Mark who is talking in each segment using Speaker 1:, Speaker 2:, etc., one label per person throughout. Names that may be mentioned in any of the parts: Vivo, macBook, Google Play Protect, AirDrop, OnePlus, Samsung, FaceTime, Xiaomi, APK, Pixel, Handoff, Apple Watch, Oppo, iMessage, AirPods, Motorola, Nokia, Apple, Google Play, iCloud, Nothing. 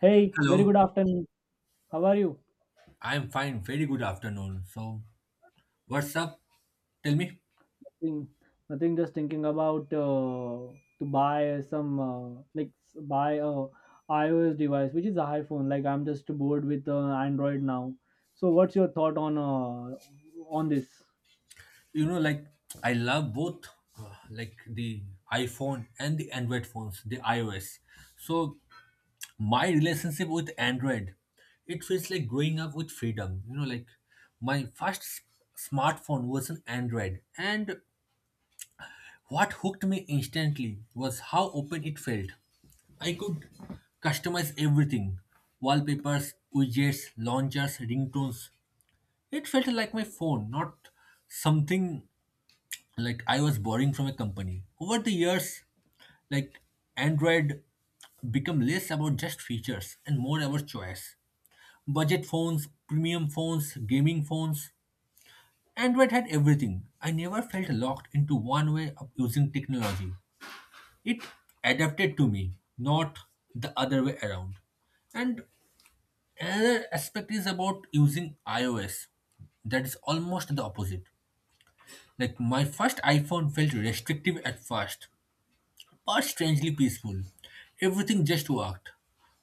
Speaker 1: Hey, very good
Speaker 2: Hello,
Speaker 1: afternoon. How are you?
Speaker 2: I'm fine. Very good afternoon. So, what's up? Tell me.
Speaker 1: Nothing, nothing. Just thinking about to buy some like buy a iOS device, which is a iPhone. Like I'm just bored with Android now. So what's your thought on on this?
Speaker 2: You know, like I love both, like the iPhone and the Android phones, the iOS. So, my relationship with Android, it feels like growing up with freedom. You know, like my smartphone was an Android, and what hooked me instantly was how open it felt. I could customize everything wallpapers, widgets, launchers, ringtones. It felt like my phone, not something like I was borrowing from a company. Over the years, like Android become less about just features and more about choice. Budget phones, premium phones, gaming phones. Android had everything. I never felt locked into one way of using technology. It adapted to me, not the other way around. And another aspect is about using iOS. That is almost the opposite. Like my first iPhone felt restrictive at first, but strangely peaceful. Everything just worked.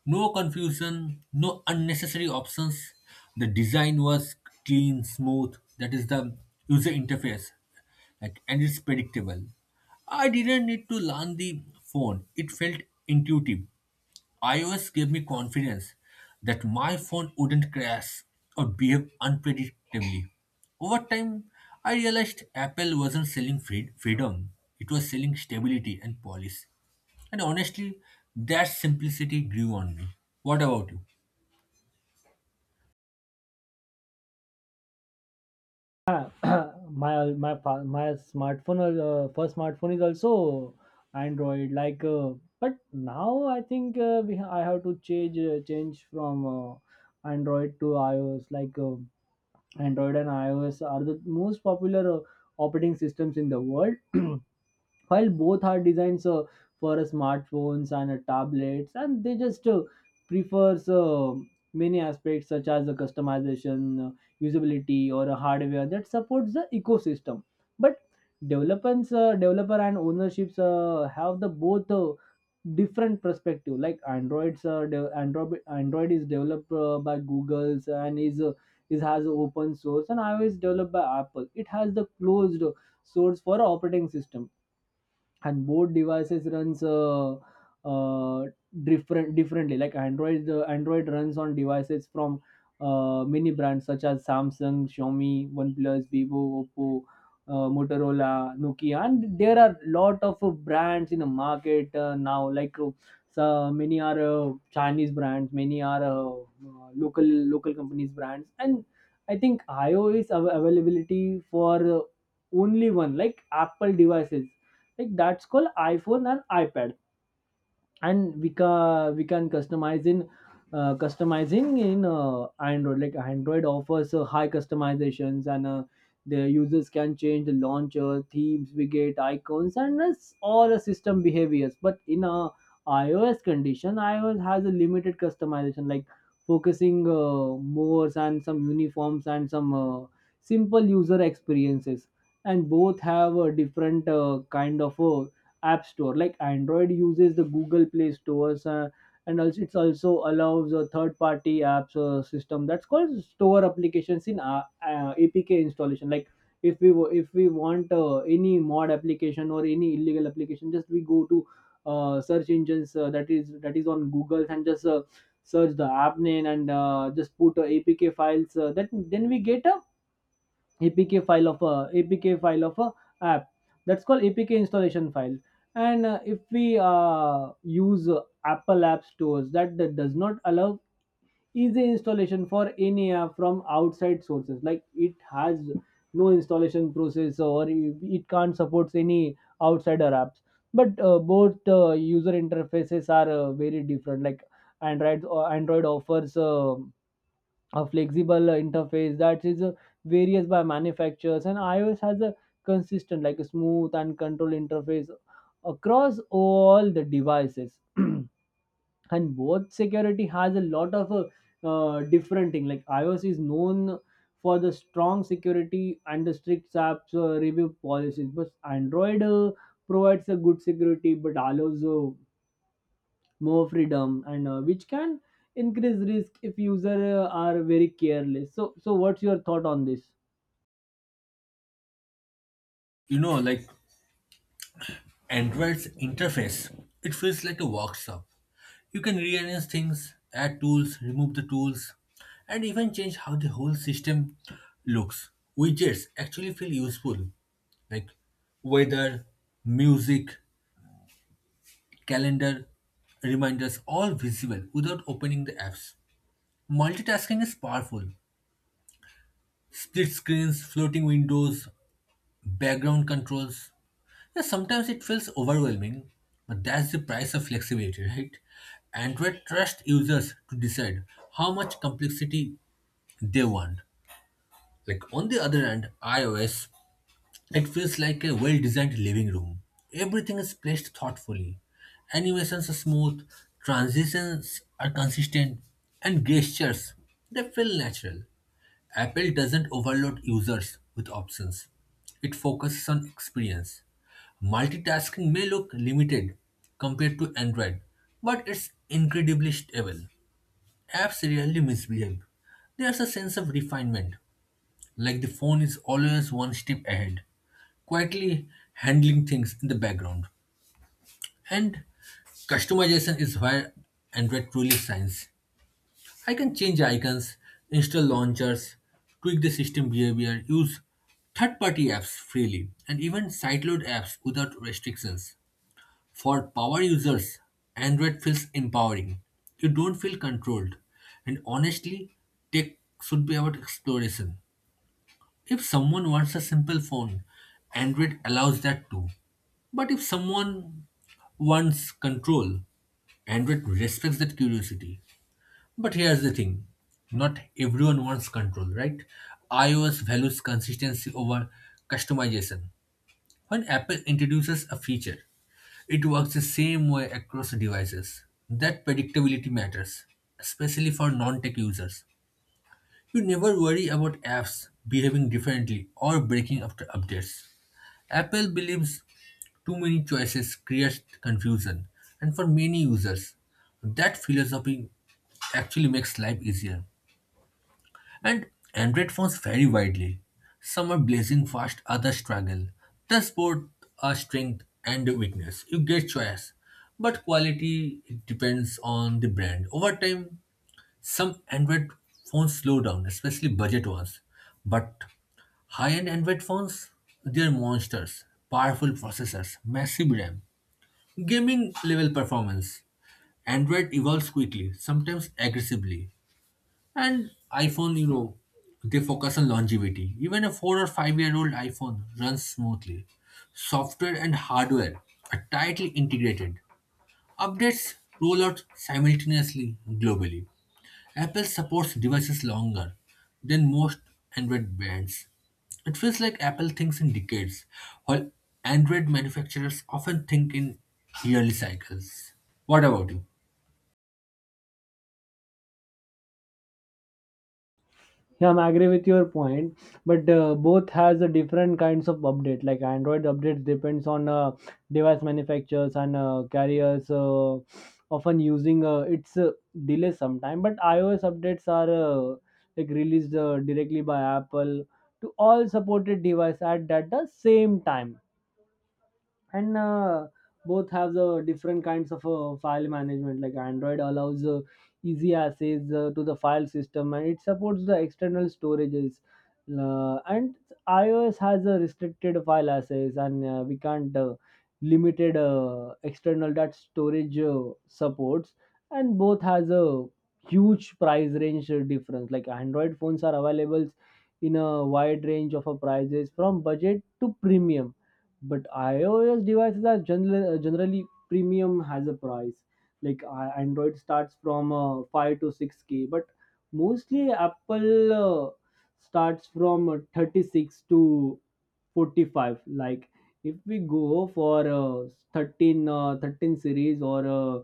Speaker 2: No confusion, no unnecessary options. The design was clean, smooth. That is the user interface. Like, and it's predictable. I didn't need to learn the phone. It felt intuitive. iOS gave me confidence that my phone wouldn't crash or behave unpredictably. Over time, I realized Apple wasn't selling freedom, it was selling stability and policy. And honestly, that simplicity grew on me. What about you?
Speaker 1: Yeah, my my smartphone, first smartphone is also Android. Like, but now I think I have to change, change from Android to iOS. Like. Android and iOS are the most popular operating systems in the world. While both are designed for smartphones and tablets, and they just prefers many aspects, such as the customization, usability, or a hardware that supports the ecosystem, but developer and ownerships have the both different perspective. Like androids de- android android is developed by google's and is has open source, and iOS developed by Apple, it has the closed source for operating system. And both devices runs uh, differently like Android runs on devices from many brands, such as Samsung, Xiaomi, OnePlus, Vivo, Oppo, Motorola, Nokia, and there are lot of brands in the market now, like, so many are Chinese brands, many are uh, local local companies brands. And I think iOS availability for only one, like Apple devices, like that's called iPhone and iPad. And we can customize in, customizing in Android. Like Android offers high customizations, and the users can change the launcher themes, widget icons, and that's all the system behaviors. But in a iOS condition, iOS has a limited customization, like focusing more and some uniforms and some simple user experiences. And both have a different kind of app store. Like Android uses the Google Play stores, and also it's also allows a third party apps system, that's called store applications in APK installation. Like if we want any mod application or any illegal application, just we go to search engines, that is on Google, and just search the app name, and just put APK files, that then we get a APK file of a app that's called APK installation file. And if we use Apple app stores, that does not allow easy installation for any app from outside sources. Like it has no installation process, or it can't supports any outsider apps. But both user interfaces are very different. Like Android offers a flexible interface that is, varies by manufacturers, and iOS has a consistent, like a smooth and control interface across all the devices. And both security has a lot of different thing. Like iOS is known for the strong security and the strict apps review policies, but Android provides a good security, but allows more freedom and which can increase risk if user are very careless. So what's your thought on this?
Speaker 2: You know, like Android's interface, it feels like a workshop. You can rearrange things, add tools, remove the tools, and even change how the whole system looks. Widgets actually feel useful, like weather, music, calendar, reminders, all visible without opening the apps. Multitasking is powerful. Split screens, floating windows, background controls. Yeah, sometimes it feels overwhelming, but that's the price of flexibility, right? Android trusts users to decide how much complexity they want. Like on the other hand, iOS, it feels like a well-designed living room. Everything is placed thoughtfully. Animations are smooth, transitions are consistent, and gestures they feel natural. Apple doesn't overload users with options. It focuses on experience. Multitasking may look limited compared to Android, but it's incredibly stable. Apps rarely misbehave. There's a sense of refinement, like the phone is always one step ahead, quietly handling things in the background. And customization is where Android truly shines. I can change icons, install launchers, tweak the system behavior, use third party apps freely, and even sideload apps without restrictions. For power users, Android feels empowering. You don't feel controlled. And honestly, tech should be about exploration. If someone wants a simple phone, Android allows that too. But if someone wants control, Android respects that curiosity. But here's the thing not everyone wants control, right? iOS values consistency over customization. When Apple introduces a feature, it works the same way across devices. That predictability matters, especially for non tech users. You never worry about apps behaving differently or breaking after updates. Apple believes too many choices creates confusion, and for many users, that philosophy actually makes life easier. And Android phones vary widely. Some are blazing fast, others struggle. Thus, both are strength and a weakness. You get choice, but quality it depends on the brand. Over time, some Android phones slow down, especially budget ones. But high-end Android phones, they're monsters. Powerful processors, massive RAM, gaming level performance. Android evolves quickly, sometimes aggressively. And iPhone, you know, they focus on longevity. Even a four or five-year-old iPhone runs smoothly. Software and hardware are tightly integrated. Updates roll out simultaneously globally. Apple supports devices longer than most Android brands. It feels like Apple thinks in decades, while Android manufacturers often think in yearly cycles. What about you?
Speaker 1: Yeah, I'm agree with your point, but both has a different kinds of update. Like Android updates depends on device manufacturers and carriers, often using its delay sometime. But iOS updates are like released directly by Apple to all supported device at the same time. And both have the different kinds of file management. Like Android allows easy access to the file system, and it supports the external storages. And iOS has a restricted file access, and we can't, limited external that storage supports. And both has a huge price range difference. Like Android phones are available in a wide range of prices, from budget to premium, but iOS devices are generally premium has a price. Like android starts from 5 to 6K, but mostly Apple starts from 36 to 45. Like if we go for 13 13 series or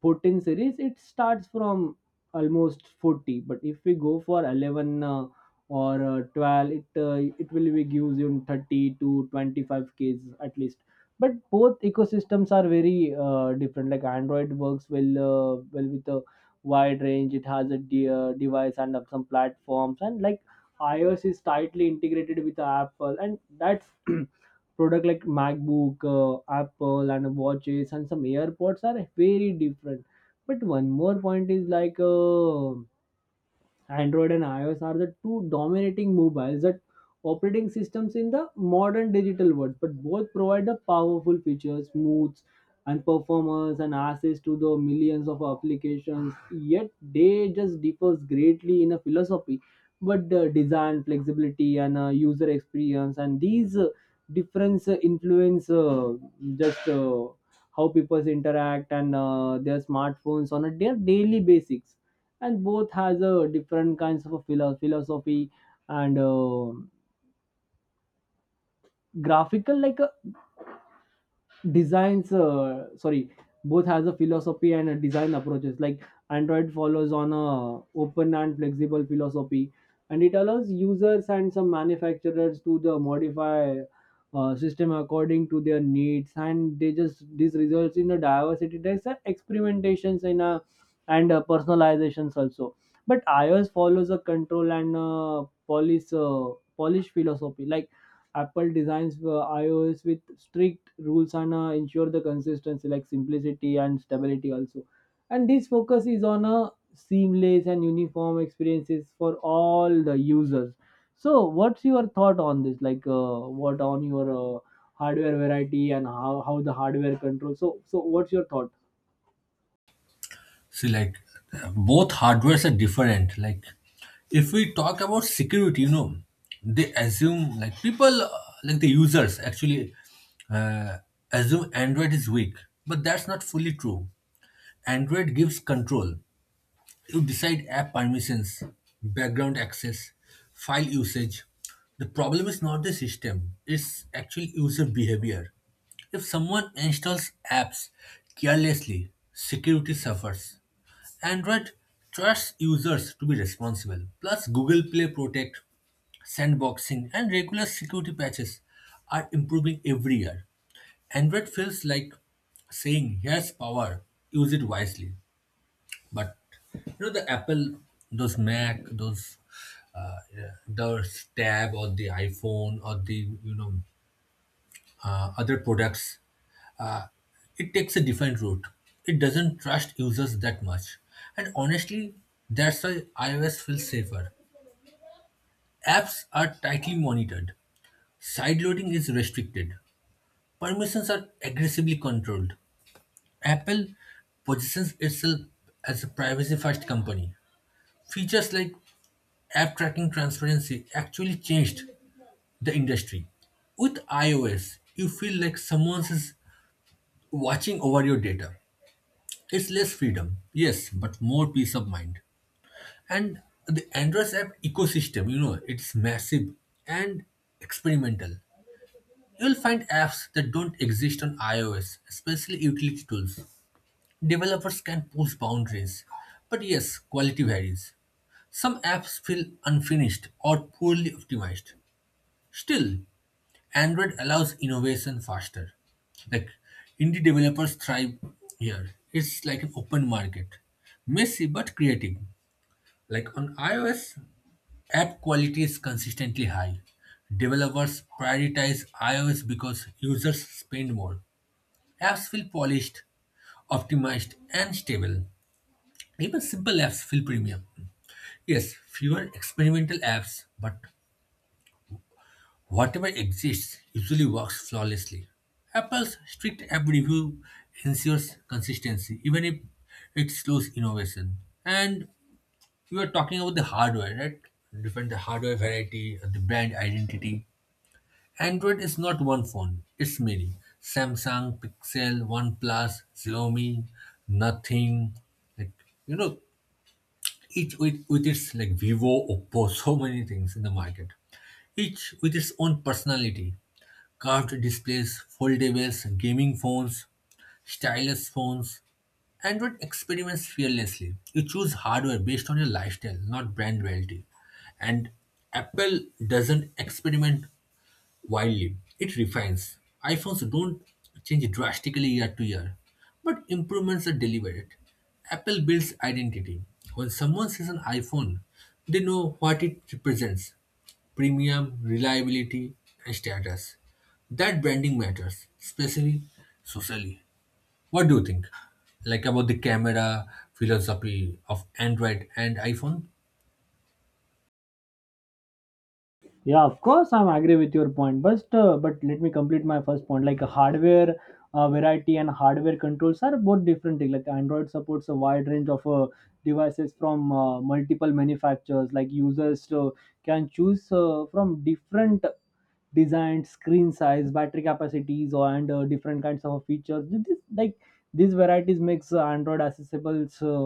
Speaker 1: 14 series, it starts from almost 40. But if we go for 11, or 12, it will be gives you 30 to 25 ks at least. But both ecosystems are very different. Like Android works well with a wide range, it has a device and of some platforms, and like iOS is tightly integrated with Apple, and that's product, like MacBook, Apple and watches, and some AirPods are very different. But one more point is like, Android and iOS are the two dominating mobiles that operating systems in the modern digital world, but both provide the powerful features, moods, and performance and access to the millions of applications. Yet they just differs greatly in a philosophy, but the design, flexibility, and user experience, and these difference influence, just how people interact and their smartphones on a their daily basis. And both has a different kinds of a philosophy, and graphical like a designs, sorry, both has a philosophy and a design approaches. Like Android follows on a open and flexible philosophy, and it allows users and some manufacturers to the modify system according to their needs, and they just this results in a diversity, there's a experimentations in a, and personalizations also. But iOS follows a control and polish philosophy. Like Apple designs iOS with strict rules, and ensure the consistency, like simplicity and stability also. And this focus is on a seamless and uniform experiences for all the users. So, what's your thought on this? Like, what on your hardware variety, and how the hardware control? So what's your thought?
Speaker 2: See, like, both hardwares are different. Like, if we talk about security, you know, they assume, like, people, like the users actually uh, assume Android is weak, but that's not fully true. Android gives control. You decide app permissions, background access, file usage. The problem is not the system, it's actually user behavior. If someone installs apps carelessly, security suffers. Android trusts users to be responsible. Plus, Google Play Protect, sandboxing, and regular security patches are improving every year. Android feels like saying, "Here's power, use it wisely." But you know the Apple, those Mac, those yeah, those tab or the iPhone or the you know other products, uh, it takes a different route. It doesn't trust users that much, and honestly, that's why iOS feels safer. Apps are tightly monitored. Sideloading is restricted. Permissions are aggressively controlled. Apple positions itself as a privacy first company. Features like app tracking transparency actually changed the industry. With iOS, you feel like someone is watching over your data. It's less freedom, yes, but more peace of mind. And the Android app ecosystem, you know, it's massive and experimental. You'll find apps that don't exist on iOS, especially utility tools. Developers can push boundaries, but yes, quality varies. Some apps feel unfinished or poorly optimized. Still, Android allows innovation faster. Like indie developers thrive here. It's like an open market. Messy but creative. Like on iOS, app quality is consistently high. Developers prioritize iOS because users spend more. Apps feel polished, optimized, and stable. Even simple apps feel premium. Yes, fewer experimental apps, but whatever exists usually works flawlessly. Apple's strict app review ensures consistency, even if it slows innovation. And you are talking about the hardware, right? Different the hardware variety, the brand identity. Android is not one phone, it's many. Samsung, Pixel, OnePlus, Xiaomi, Nothing. Like you know, each with its like Vivo, Oppo, so many things in the market each with its own personality. Carved displays, foldables, gaming phones, stylus phones. Android experiments fearlessly. You choose hardware based on your lifestyle, not brand loyalty. And Apple doesn't experiment wildly, it refines. iPhones don't change drastically year to year, but improvements are deliberate. Apple builds identity. When someone sees an iPhone, they know what it represents premium, reliability, and status. That branding matters, especially socially. What do you think? Like about the camera philosophy of Android and iPhone?
Speaker 1: Yeah, of course, I'm agree with your point, but let me complete my first point. Like hardware variety and hardware controls are both different thing. Like Android supports a wide range of devices from multiple manufacturers. Like users can choose from different design, screen size, battery capacities, or and different kinds of features. This, like these varieties makes Android accessible uh,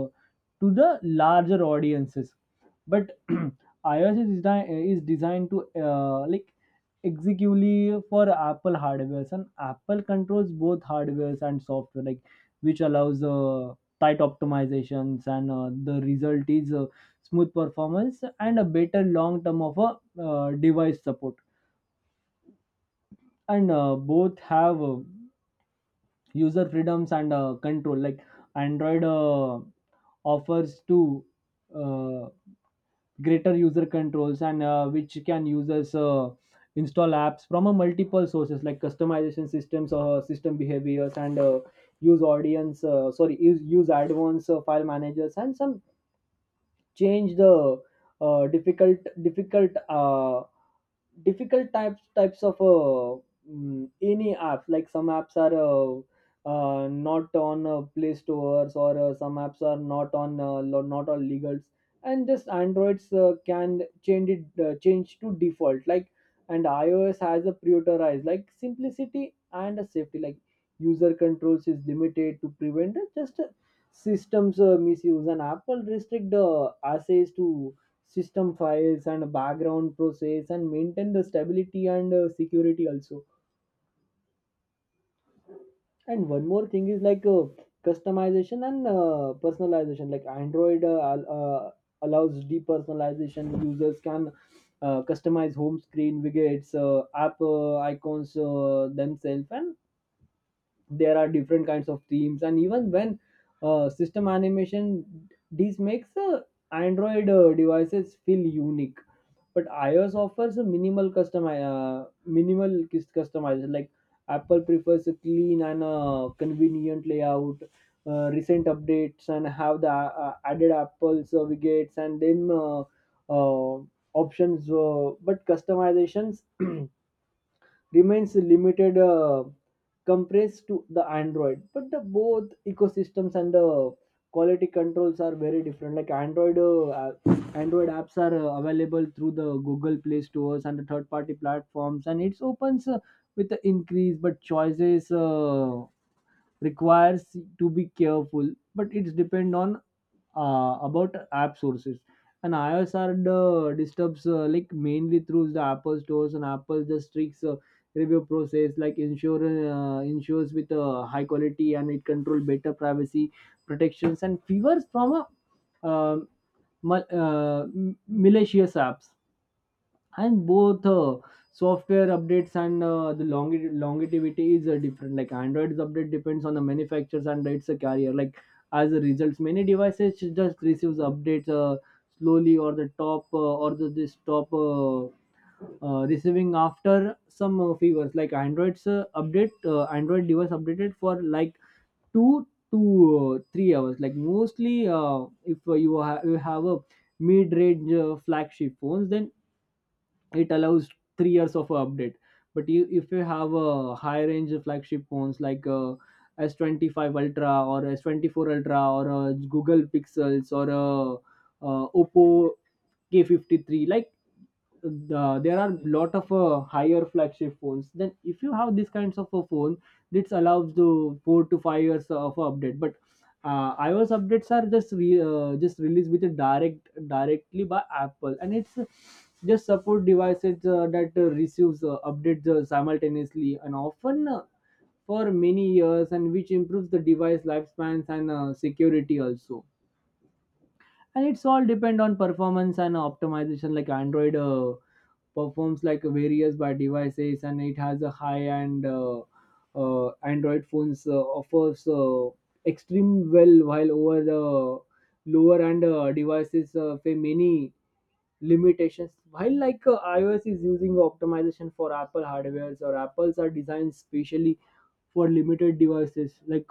Speaker 1: to the larger audiences. But iOS is designed to like executively for Apple hardwares, and Apple controls both hardwares and software, like which allows tight optimizations, and the result is smooth performance and a better long term of a device support. And both have user freedoms and control. Like Android offers to uh, greater user controls, and which can users install apps from a multiple sources, like customization systems or system behaviors, and use audience, sorry, use advanced file managers, and some change the uh, difficult difficult uh, difficult types of any apps. Like some apps are not on play stores, or some apps are not on not on legals, and just androids can change it, change to default, like. And iOS has a prioritize, like simplicity and a safety, like user controls is limited to prevent just systems misuse, and Apple restrict the access to system files and background process, and maintain the stability and security also. And one more thing is like, customization and personalization. Like Android allows depersonalization, users can customize home screen widgets, app icons, themselves, and there are different kinds of themes, and even when system animation this makes Android devices feel unique. But iOS offers a minimal custom, minimal customization. Like Apple prefers a clean and convenient layout. Recent updates and have the added Apple certificates, and then uh, options, but customizations remains limited, compressed to the Android. But the both ecosystems and the quality controls are very different. Like Android apps are available through the Google Play stores and the third party platforms, and it's opens with the increase, but choices requires to be careful, but it's depend on, about app sources. And iOS are the disturbs, like mainly through the Apple stores, and Apple just tricks review process, like ensures with high quality, and it control better privacy protections, and favors from a malicious apps. And both software updates and the longevity is different. Like Android's update depends on the manufacturers and its a carrier, like as a result many devices just receives updates slowly, or the top, or the, this top Receiving after some fevers, like android's update, android device updated for like two to three hours, like mostly if you have a mid-range flagship phones, then it allows 3 years of update. But if you have a high range of flagship phones like s25 ultra or s24 ultra or google pixels or oppo k53, like there are lot of higher flagship phones. Then if you have these kinds of a phone, this allows the 4 to 5 years of update. But iOS updates are just released with a directly by Apple, and it's just support devices that receives updates simultaneously and often for many years, and which improves the device lifespans and security also. And it's all depend on performance and optimization, like android performs like various by devices, and it has a high end android phones offers extreme well, while over the lower end devices face many limitations, while like ios is using optimization for apple hardwares, or apples are designed specially for limited devices, like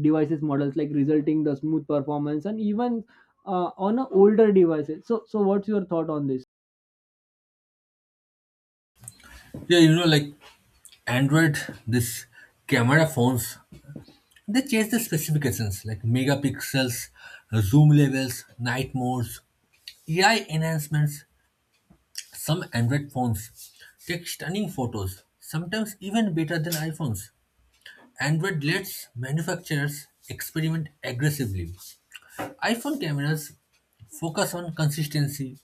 Speaker 1: devices models, like resulting the smooth performance and even on a older devices. So so what's your thought on this?
Speaker 2: Yeah, you know, like Android, this camera phones, they change the specifications like megapixels, zoom levels, night modes, AI enhancements. Some Android phones take stunning photos, sometimes even better than iPhones. Android lets manufacturers experiment aggressively. iPhone cameras focus on consistency.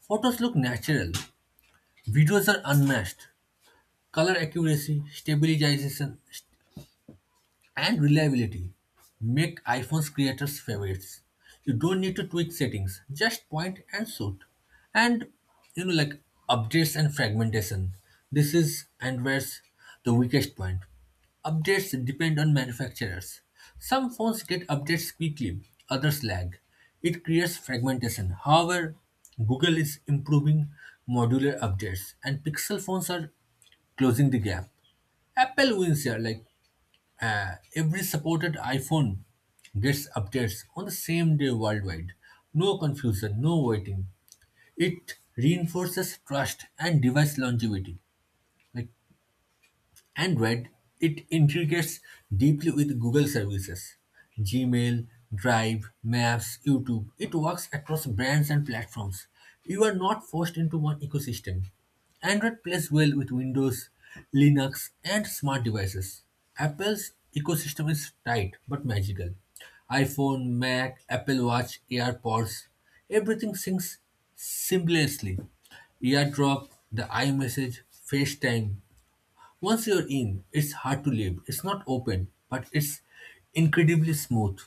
Speaker 2: Photos look natural. Videos are unmatched. Color accuracy, stabilization, and reliability make iPhone's creators favorites. You don't need to tweak settings, just point and shoot. And you know, like updates and fragmentation. This is Android's the weakest point. Updates depend on manufacturers. Some phones get updates quickly, others lag. It creates fragmentation. However, Google is improving modular updates, and Pixel phones are closing the gap. Apple wins here, like every supported iPhone gets updates on the same day worldwide. No confusion, no waiting. It reinforces trust and device longevity. Like Android, it integrates deeply with Google services, Gmail, Drive, Maps, YouTube. It works across brands and platforms. You are not forced into one ecosystem. Android plays well with Windows, Linux, and smart devices. Apple's ecosystem is tight but magical. iPhone, Mac, Apple Watch, AirPods, everything syncs seamlessly. AirDrop, the iMessage, FaceTime, once you're in, it's hard to leave. It's not open, but it's incredibly smooth.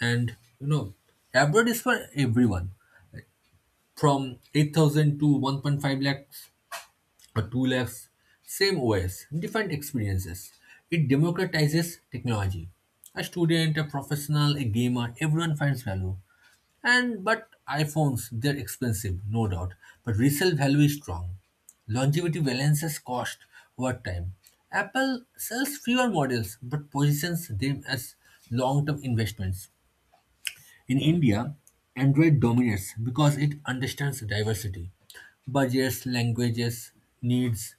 Speaker 2: And you know, abroad is for everyone from 8,000 to 1.5 lakh or 2 labs same OS, different experiences. It democratizes technology. A student, a professional, a gamer, everyone finds value. And but iPhones, they're expensive, no doubt, but resale value is strong. Longevity balances cost over time. Apple sells fewer models but positions them as long term investments. In India, Android dominates because it understands diversity, budgets, languages, needs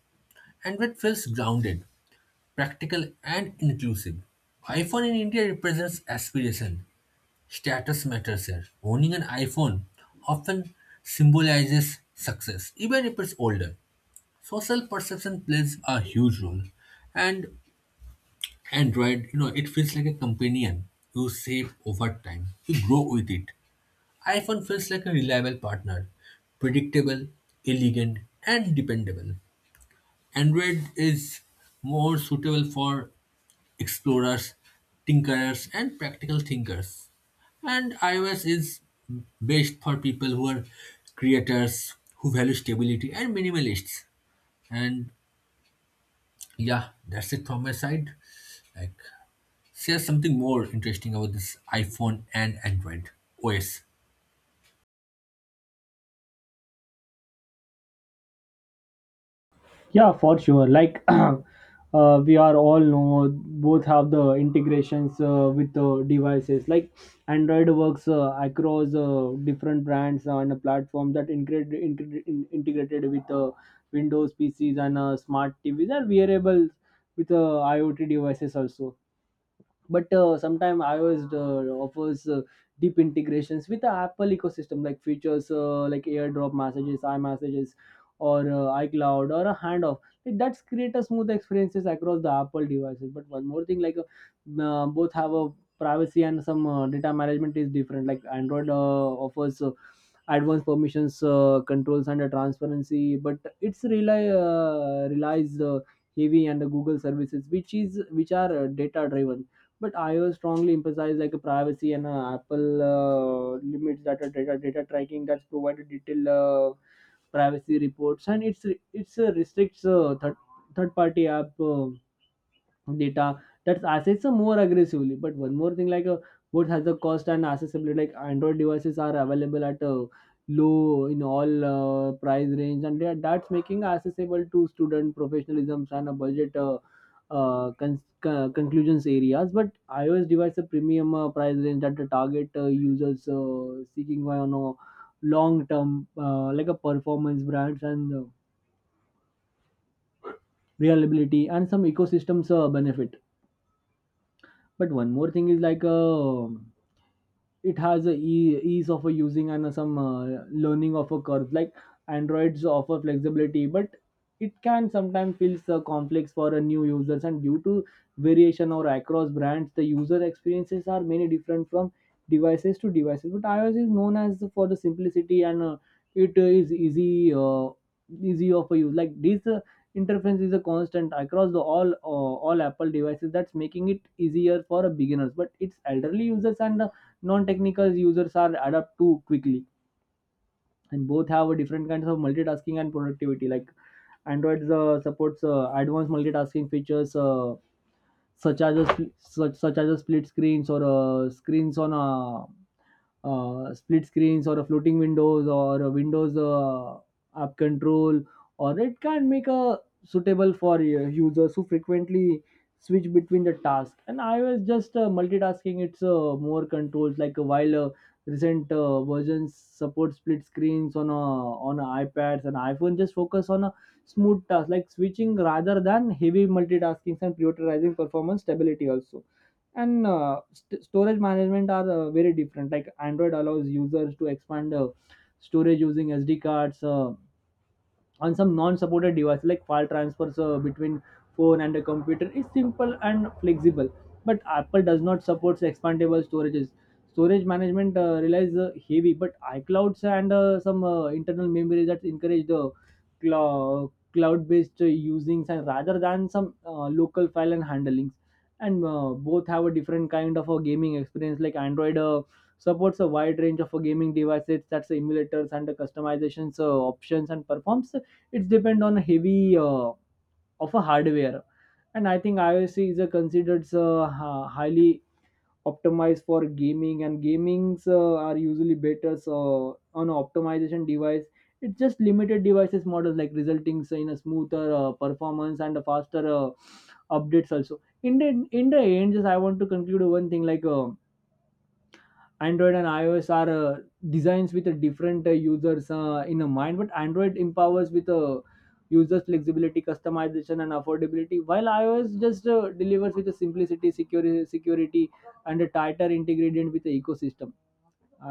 Speaker 2: and that feels grounded, practical, and inclusive. iPhone in India represents aspiration. Status matters here. Owning an iPhone often symbolizes success, even if it's older. Social perception plays a huge role, and Android, you know, it feels like a companion you save over time. You grow with it. iPhone feels like a reliable partner, predictable, elegant, and dependable. Android is more suitable for explorers, tinkerers, and practical thinkers. And iOS is best for people who are creators, who value stability, and minimalists. And yeah, that's it from my side. Like, share something more interesting about this iPhone and Android OS.
Speaker 1: Yeah, for sure. Like we are all know, both have the integrations with the devices. Like Android works across different brands and a platform that integrated with Windows PCs and smart TVs and wearables with IoT devices also. But sometimes ios offers deep integrations with the apple ecosystem, like features like airdrop messages imessages or icloud or a handoff. Like, that's create a smooth experiences across the apple devices. But one more thing, like both have a privacy, and some data management is different. Like android offers advanced permissions controls and a transparency, but it's rely relies heavy and the google services, which is which are data driven. But ios strongly emphasize like a privacy, and apple limits data tracking, that's provided detailed privacy reports, and it's restricts third party app data that assets are more aggressively. But one more thing, like what has the cost and accessibility? Like Android devices are available at a low in all price range, and that's making accessible to student professionalisms and a budget. Conclusions areas. But iOS device a premium price range that the target users seeking long term like a performance brands and reliability and some ecosystems benefit. But one more thing is like it has a ease of a using and some learning of a curve, like androids offer flexibility, but it can sometimes feels complex for a new users, and due to variation or across brands, the user experiences are many different from devices to devices. But ios is known as for the simplicity, and it is easy of a use, like this interference is a constant across the all apple devices, that's making it easier for a beginners, but its elderly users and non-technical users are adapt too quickly. And both have a different kinds of multitasking and productivity, like android supports advanced multitasking features such as a spl- such, such as a split screens or screens on a split screens, or a floating windows or a windows app control, or it can make a suitable for users who frequently switch between the task. And ios just multitasking, it's more controls, like while recent versions support split screens on ipads, and iphone just focus on smooth tasks like switching rather than heavy multitasking and prioritizing performance stability also. And storage management are very different, like android allows users to expand storage using sd cards on some non-supported device, like file transfers between phone and a computer is simple and flexible. But apple does not support expandable storages. Storage management relies heavy but iclouds and some internal memory, that encourage the cloud-based usings, and rather than some local file and handlings. And both have a different kind of a gaming experience, like android supports a wide range of gaming devices, that's emulators and customizations options, and performs it's depend on heavy of a hardware. And I think ios is a considered highly optimized for gaming, and gamings are usually better so on optimization device. It's just limited devices models, like resulting in a smoother performance and a faster updates also. In the end, just I want to conclude one thing, like android and ios are designs with a different users in a mind, but android empowers with a users flexibility, customization and affordability, while ios just delivers with a simplicity, security and a tighter integrated with the ecosystem.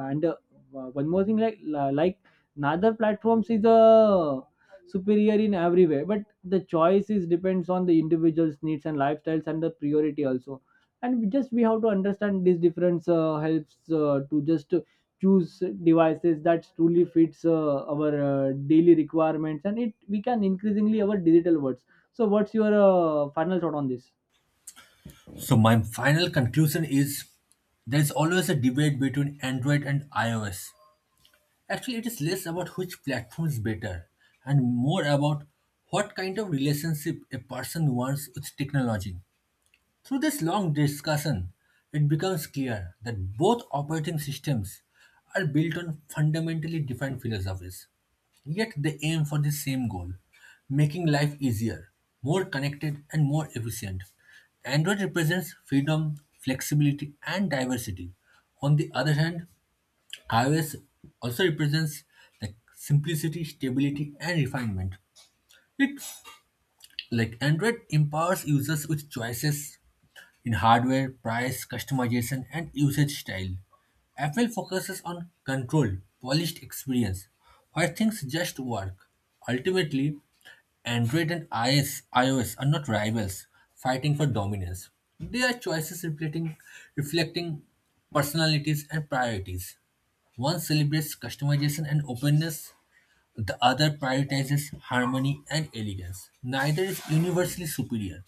Speaker 1: And one more thing, like neither platforms is superior in every way, but the choice is depends on the individual's needs and lifestyles and the priority also. And we have to understand this difference helps to just choose devices that truly fits our daily requirements, and it we can increasingly our digital words. So what's your final thought on this?
Speaker 2: So, my final conclusion is there is always a debate between Android and iOS. Actually, it is less about which platform is better and more about what kind of relationship a person wants with technology. Through this long discussion, it becomes clear that both operating systems are built on fundamentally different philosophies. Yet they aim for the same goal making life easier, more connected, and more efficient. Android represents freedom, flexibility, and diversity. On the other hand, iOS also represents like simplicity, stability, and refinement. It like Android empowers users with choices in hardware, price, customization, and usage style. Apple focuses on control, polished experience, where things just work. Ultimately, Android and iOS are not rivals fighting for dominance. They are choices reflecting personalities and priorities. One celebrates customization and openness, the other prioritizes harmony and elegance. Neither is universally superior.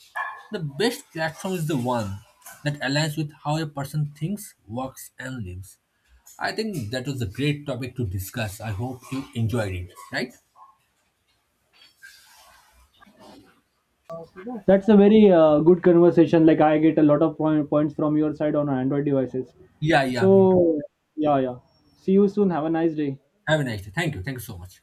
Speaker 2: The best platform is the one that aligns with how a person thinks, works, and lives. I think that was a great topic to discuss. I hope you enjoyed it, right?
Speaker 1: That's a very good conversation. Like I get a lot of points from your side on Android devices.
Speaker 2: Yeah, yeah, me too.
Speaker 1: So yeah, yeah. See you soon. Have a nice day.
Speaker 2: Have a nice day. Thank you. Thank you so much.